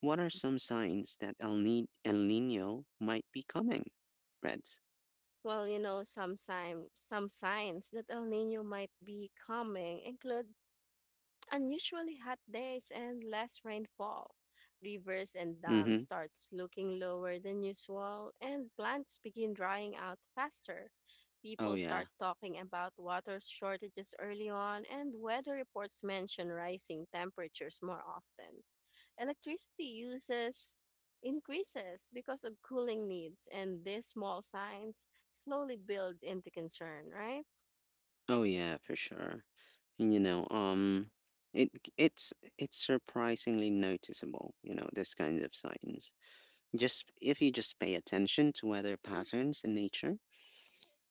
What are some signs that El Nino might be coming? Reds. Well, you know, some signs that El Nino might be coming include unusually hot days and less rainfall. Rivers and dams Mm-hmm. starts looking lower than usual and plants begin drying out faster. Oh People yeah. start talking about water shortages early on and weather reports mention rising temperatures more often. Electricity uses increases because of cooling needs and these small signs slowly build into concern, right? Oh yeah, for sure. And, it it's surprisingly noticeable. You know, these kinds of signs. Just if you just pay attention to weather patterns in nature.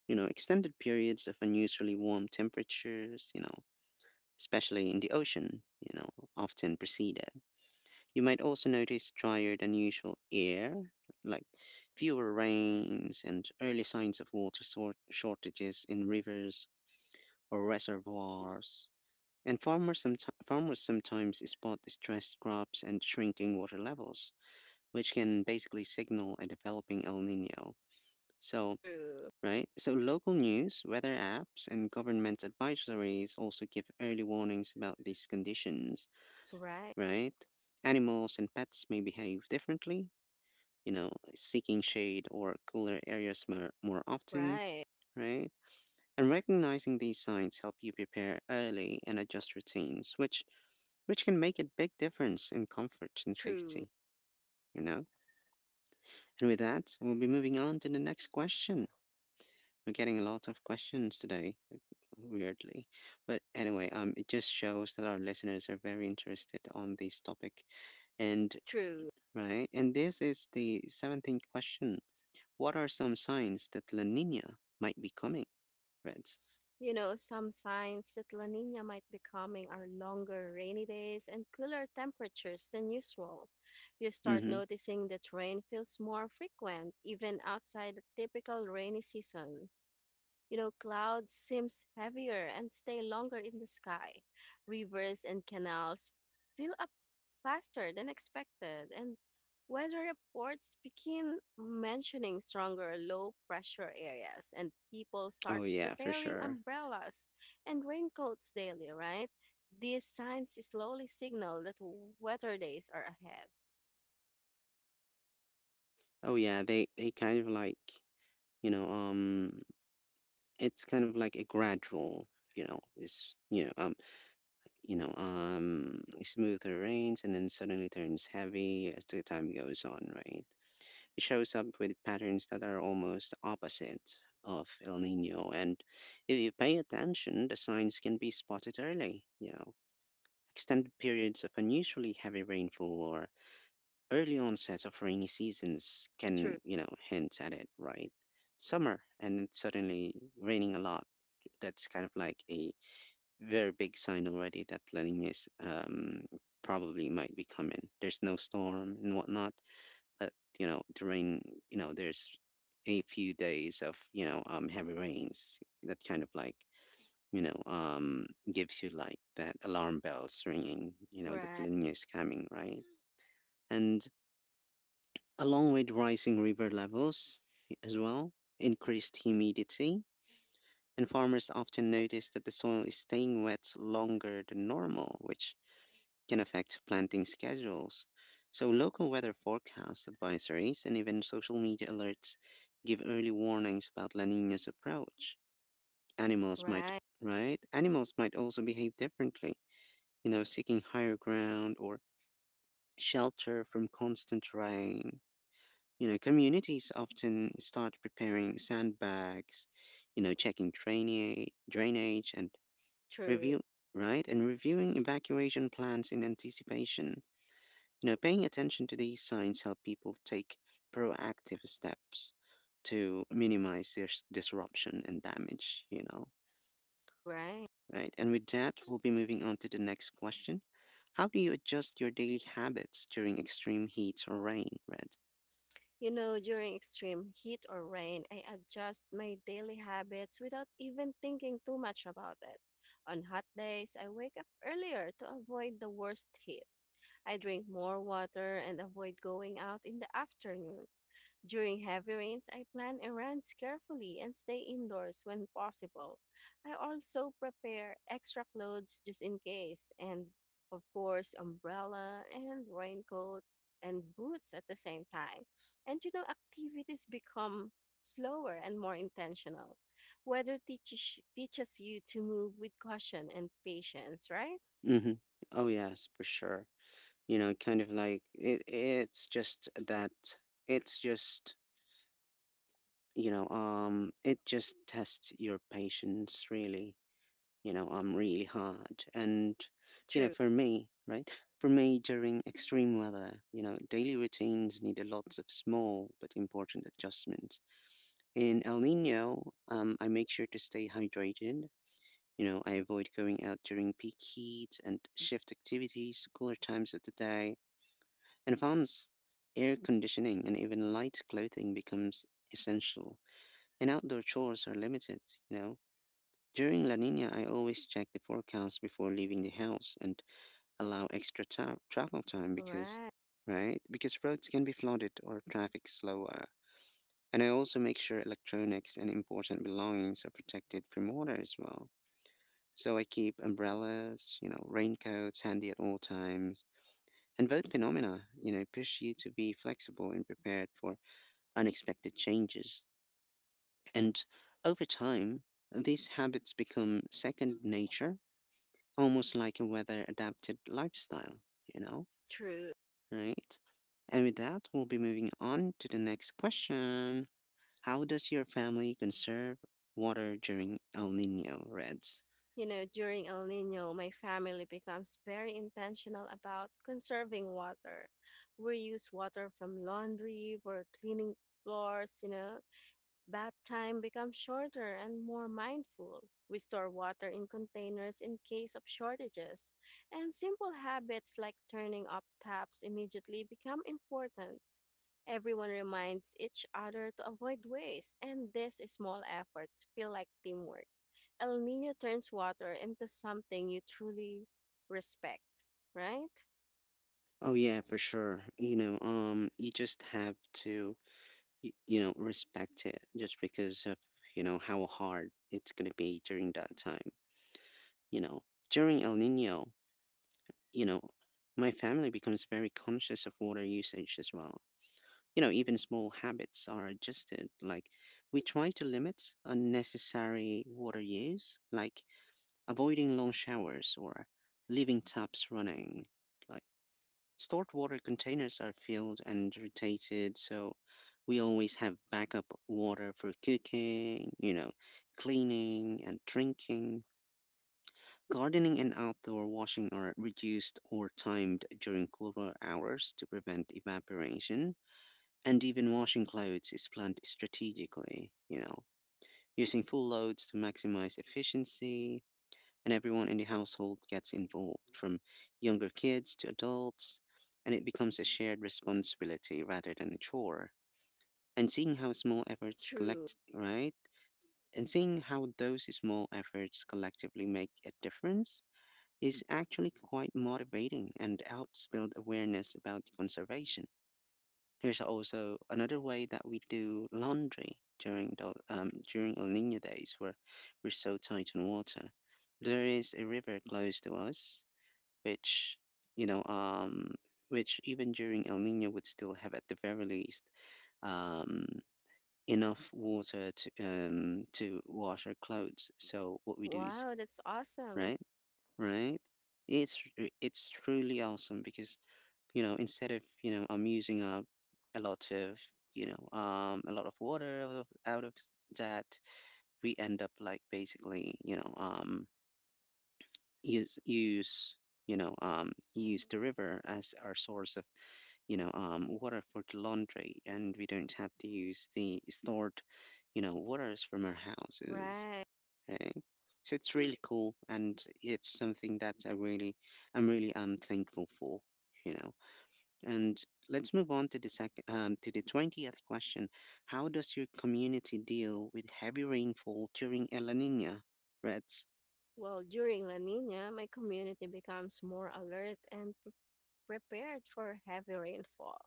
You know, extended periods of unusually warm temperatures, you know, especially in the ocean, you know, often preceded. You might also notice drier than usual air, like fewer rains and early signs of water sort shortages in rivers or reservoirs. And farmers sometimes spot distressed crops and shrinking water levels, which can basically signal a developing El Nino. So, True. right? So, local news, weather apps, and government advisories also give early warnings about these conditions, Right. right? Animals and pets may behave differently, you know, seeking shade or cooler areas more often, Right. right? And recognizing these signs help you prepare early and adjust routines, which can make a big difference in comfort and True. safety, you know? And with that, we'll be moving on to the next question. We're getting a lot of questions today, weirdly. But anyway, it just shows that our listeners are very interested on this topic. And True. right, and this is the 17th question. What are some signs that La Nina might be coming, Reds? You know, some signs that La Nina might be coming are longer rainy days and cooler temperatures than usual. You start Mm-hmm. noticing that rain feels more frequent, even outside the typical rainy season. You know, clouds seems heavier and stay longer in the sky. Rivers and canals fill up faster than expected, and weather reports begin mentioning stronger low pressure areas, and people start Oh yeah, for preparing sure. umbrellas and raincoats daily, right? These signs slowly signal that weather days are ahead. Oh yeah, they kind of like, you know, it's kind of like a gradual, you know is you know smoother rains and then suddenly turns heavy as the time goes on, right? It shows up with patterns that are almost opposite of El Nino. And if you pay attention, the signs can be spotted early, you know. Extended periods of unusually heavy rainfall or early onset of rainy seasons can, True. Hint at it, right? Summer and it's suddenly raining a lot, that's kind of like a very big sign already that La Niña's probably might be coming. There's no storm and whatnot, but you know, the rain. You know, there's a few days of, heavy rains that kind of like, you know um, gives you like that alarm bells ringing. You know that Right. La Niña is coming, right? And along with rising river levels as well, increased humidity, and farmers often notice that the soil is staying wet longer than normal, which can affect planting schedules. So, local weather forecasts, advisories, and even social media alerts give early warnings about La Nina's approach. Animals might, Right. right? Animals might also behave differently, seeking higher ground or shelter from constant rain. You know, communities often start preparing sandbags, checking drainage, and True. review, right? And reviewing evacuation plans in anticipation. You know, paying attention to these signs help people take proactive steps to minimize this disruption and damage, you know, Right. right? And with that, we'll be moving on to the next question. How do you adjust your daily habits during extreme heat or rain, Red? You know, during extreme heat or rain, I adjust my daily habits without even thinking too much about it. On hot days, I wake up earlier to avoid the worst heat. I drink more water and avoid going out in the afternoon. During heavy rains, I plan errands carefully and stay indoors when possible. I also prepare extra clothes just in case, and of course, umbrella and raincoat and boots at the same time. And you know, activities become slower and more intentional. Weather teaches you to move with caution and patience, right? Mm-hmm. Oh yes, for sure. It's just that. It's just, It just tests your patience, really. You know, I'm really hard. And True. for me, right? For me, during extreme weather, daily routines need a lots of small but important adjustments. In El Nino, I make sure to stay hydrated. I avoid going out during peak heat and shift activities to cooler times of the day. And advance air conditioning and even light clothing becomes essential, and outdoor chores are limited, you know. During La Nina, I always check the forecast before leaving the house and allow extra travel time because, Right. right? Because roads can be flooded or traffic slower. And I also make sure electronics and important belongings are protected from water as well. So I keep umbrellas, raincoats handy at all times. And both phenomena, push you to be flexible and prepared for unexpected changes. And over time, these habits become second nature, almost like a weather adapted lifestyle, you know, True. right? And with that, we'll be moving on to the next question. How does your family conserve water during El Nino, Reds? You know, during El Nino, my family becomes very intentional about conserving water. We use water from laundry for cleaning floors, you know. Bath time becomes shorter and more mindful. We store water in containers in case of shortages. And simple habits like turning up taps immediately become important. Everyone reminds each other to avoid waste, and these small efforts feel like teamwork. El Nino turns water into something you truly respect, right? Oh yeah, for sure. You just have to, you know, respect it just because of, you know, how hard it's gonna be during that time. You know, during El Nino, you know, my family becomes very conscious of water usage as well. You know, even small habits are adjusted. Like we try to limit unnecessary water use, like avoiding long showers or leaving taps running. Like stored water containers are filled and rotated, so we always have backup water for cooking, cleaning and drinking. Gardening and outdoor washing are reduced or timed during cooler hours to prevent evaporation, and even washing clothes is planned strategically, using full loads to maximize efficiency. And everyone in the household gets involved, from younger kids to adults, and it becomes a shared responsibility rather than a chore. And seeing how small efforts True. collect, right? And seeing how those small efforts collectively make a difference is actually quite motivating and helps build awareness about conservation. There's also another way that we do laundry during the, during El Nino days where we're so tight on water. There is a river close to us, which you know, um, which even during El Nino would still have at the very least um, enough water to wash our clothes. So what we do is Wow, that's awesome. right, right. It's it's truly awesome because you know instead of you know I'm using up a lot of you know a lot of water out out of that. We end up like basically, use use use the river as our source of, water for the laundry, and we don't have to use the stored, waters from our houses, Right. right? So it's really cool, and it's something that I'm really thankful for, you know. And let's move on to the to the 20th question. How does your community deal with heavy rainfall during El Nino? Reds. Well, during La Nina, my community becomes more alert and prepared for heavy rainfall.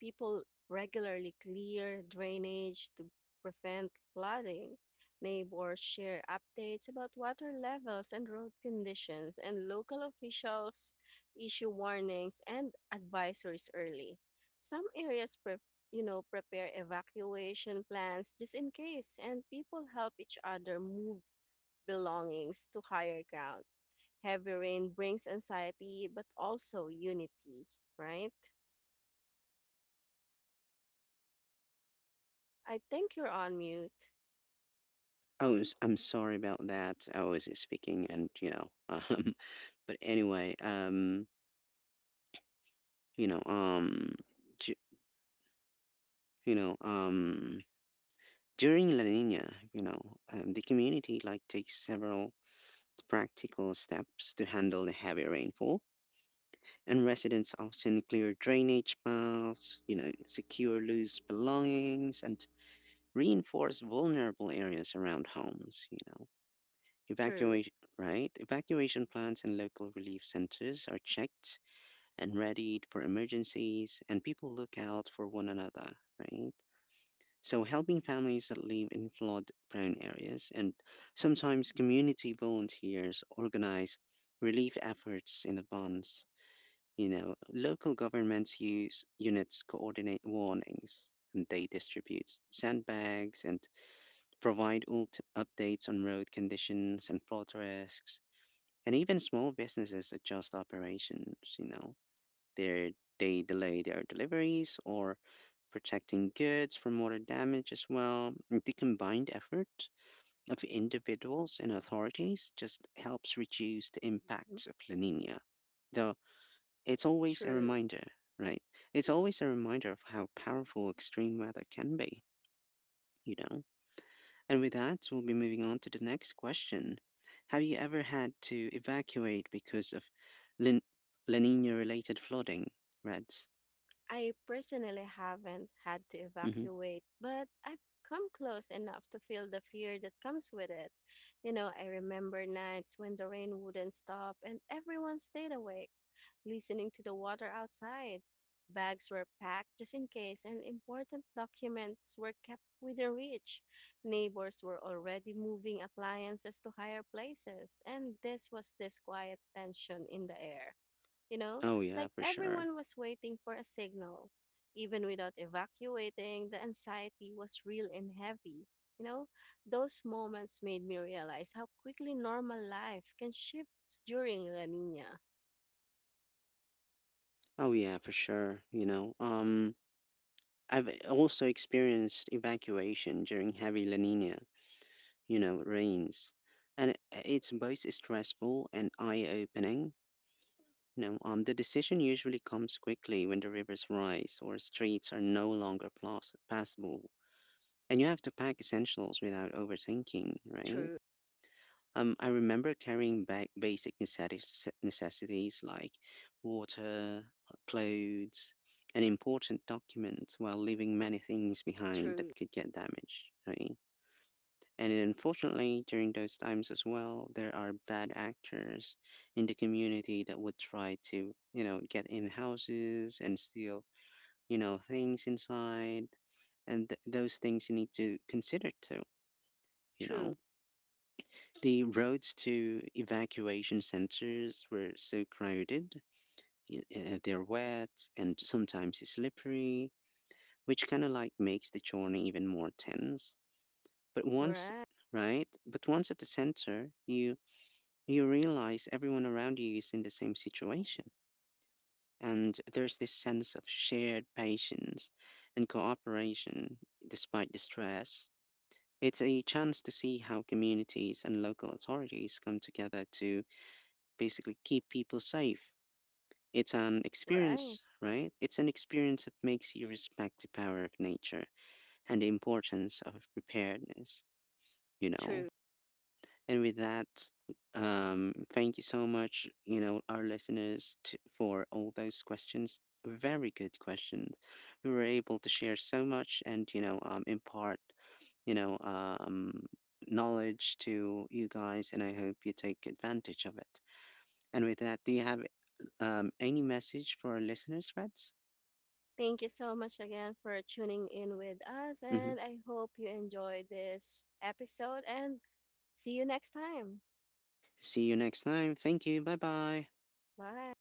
People regularly clear drainage to prevent flooding. Neighbors share updates about water levels and road conditions, and local officials issue warnings and advisories early. Some areas you know prepare evacuation plans just in case, and people help each other move belongings to higher ground. Heavy rain brings anxiety, but also unity, right? I think you're on mute. Oh, I'm sorry about that. I was speaking and, you know, [laughs] but anyway, you know, um, ju- you know, um, during La Nina, the community like takes several practical steps to handle the heavy rainfall. And residents often clear drainage piles, secure loose belongings, and reinforce vulnerable areas around homes, you know. True, Evacuation, right? Evacuation plans and local relief centers are checked and readied for emergencies, and people look out for one another, right? So, helping families that live in flood prone areas, and sometimes community volunteers organize relief efforts in advance. You know, local governments use units coordinate warnings, and they distribute sandbags and provide updates on road conditions and flood risks. And even small businesses adjust operations, you know. They're, they delay their deliveries or protecting goods from water damage as well. The combined effort of individuals and authorities just helps reduce the impacts of La Nina. The it's always a true. reminder, right? It's always a reminder of how powerful extreme weather can be, you know? And with that, we'll be moving on to the next question. Have you ever had to evacuate because of Lin- La Nina related flooding, Reds? I personally haven't had to Hmm. evacuate, but I've come close enough to feel the fear that comes with it. You know, I remember nights when the rain wouldn't stop and everyone stayed awake, listening to the water outside. Bags were packed just in case, and important documents were kept within reach. Neighbors were already moving appliances to higher places, and this was this quiet tension in the air. You know, Oh, yeah, like for sure. everyone was waiting for a signal. Even without evacuating, the anxiety was real and heavy. You know, those moments made me realize how quickly normal life can shift during La Nina. Oh, yeah, for sure. I've also experienced evacuation during heavy La Nina, rains. And it's both stressful and eye opening. The decision usually comes quickly when the rivers rise or streets are no longer passable, and you have to pack essentials without overthinking, right? True, I remember carrying back basic necessities like water, clothes, and important documents while leaving many things behind true. that could get damaged, right? And unfortunately, during those times as well, there are bad actors in the community that would try to, you know, get in houses and steal, things inside. And those things you need to consider too, you True. know. The roads to evacuation centers were so crowded, they're wet and sometimes slippery, which kind of like makes the journey even more tense. But once, Right. right? But once at the center, you realize everyone around you is in the same situation. And there's this sense of shared patience and cooperation despite the stress. It's a chance to see how communities and local authorities come together to basically keep people safe. It's an Right. experience, right? It's an experience that makes you respect the power of nature and the importance of preparedness, you know? True. And with that, thank you so much, you know, our listeners for all those questions. Very good questions. We were able to share so much and, you know, impart, you know, um, knowledge to you guys, and I hope you take advantage of it. And with that, do you have any message for our listeners, Reds? Thank you so much again for tuning in with us. Hmm. And I hope you enjoyed this episode and see you next time. See you next time. Thank you. Bye bye. Bye.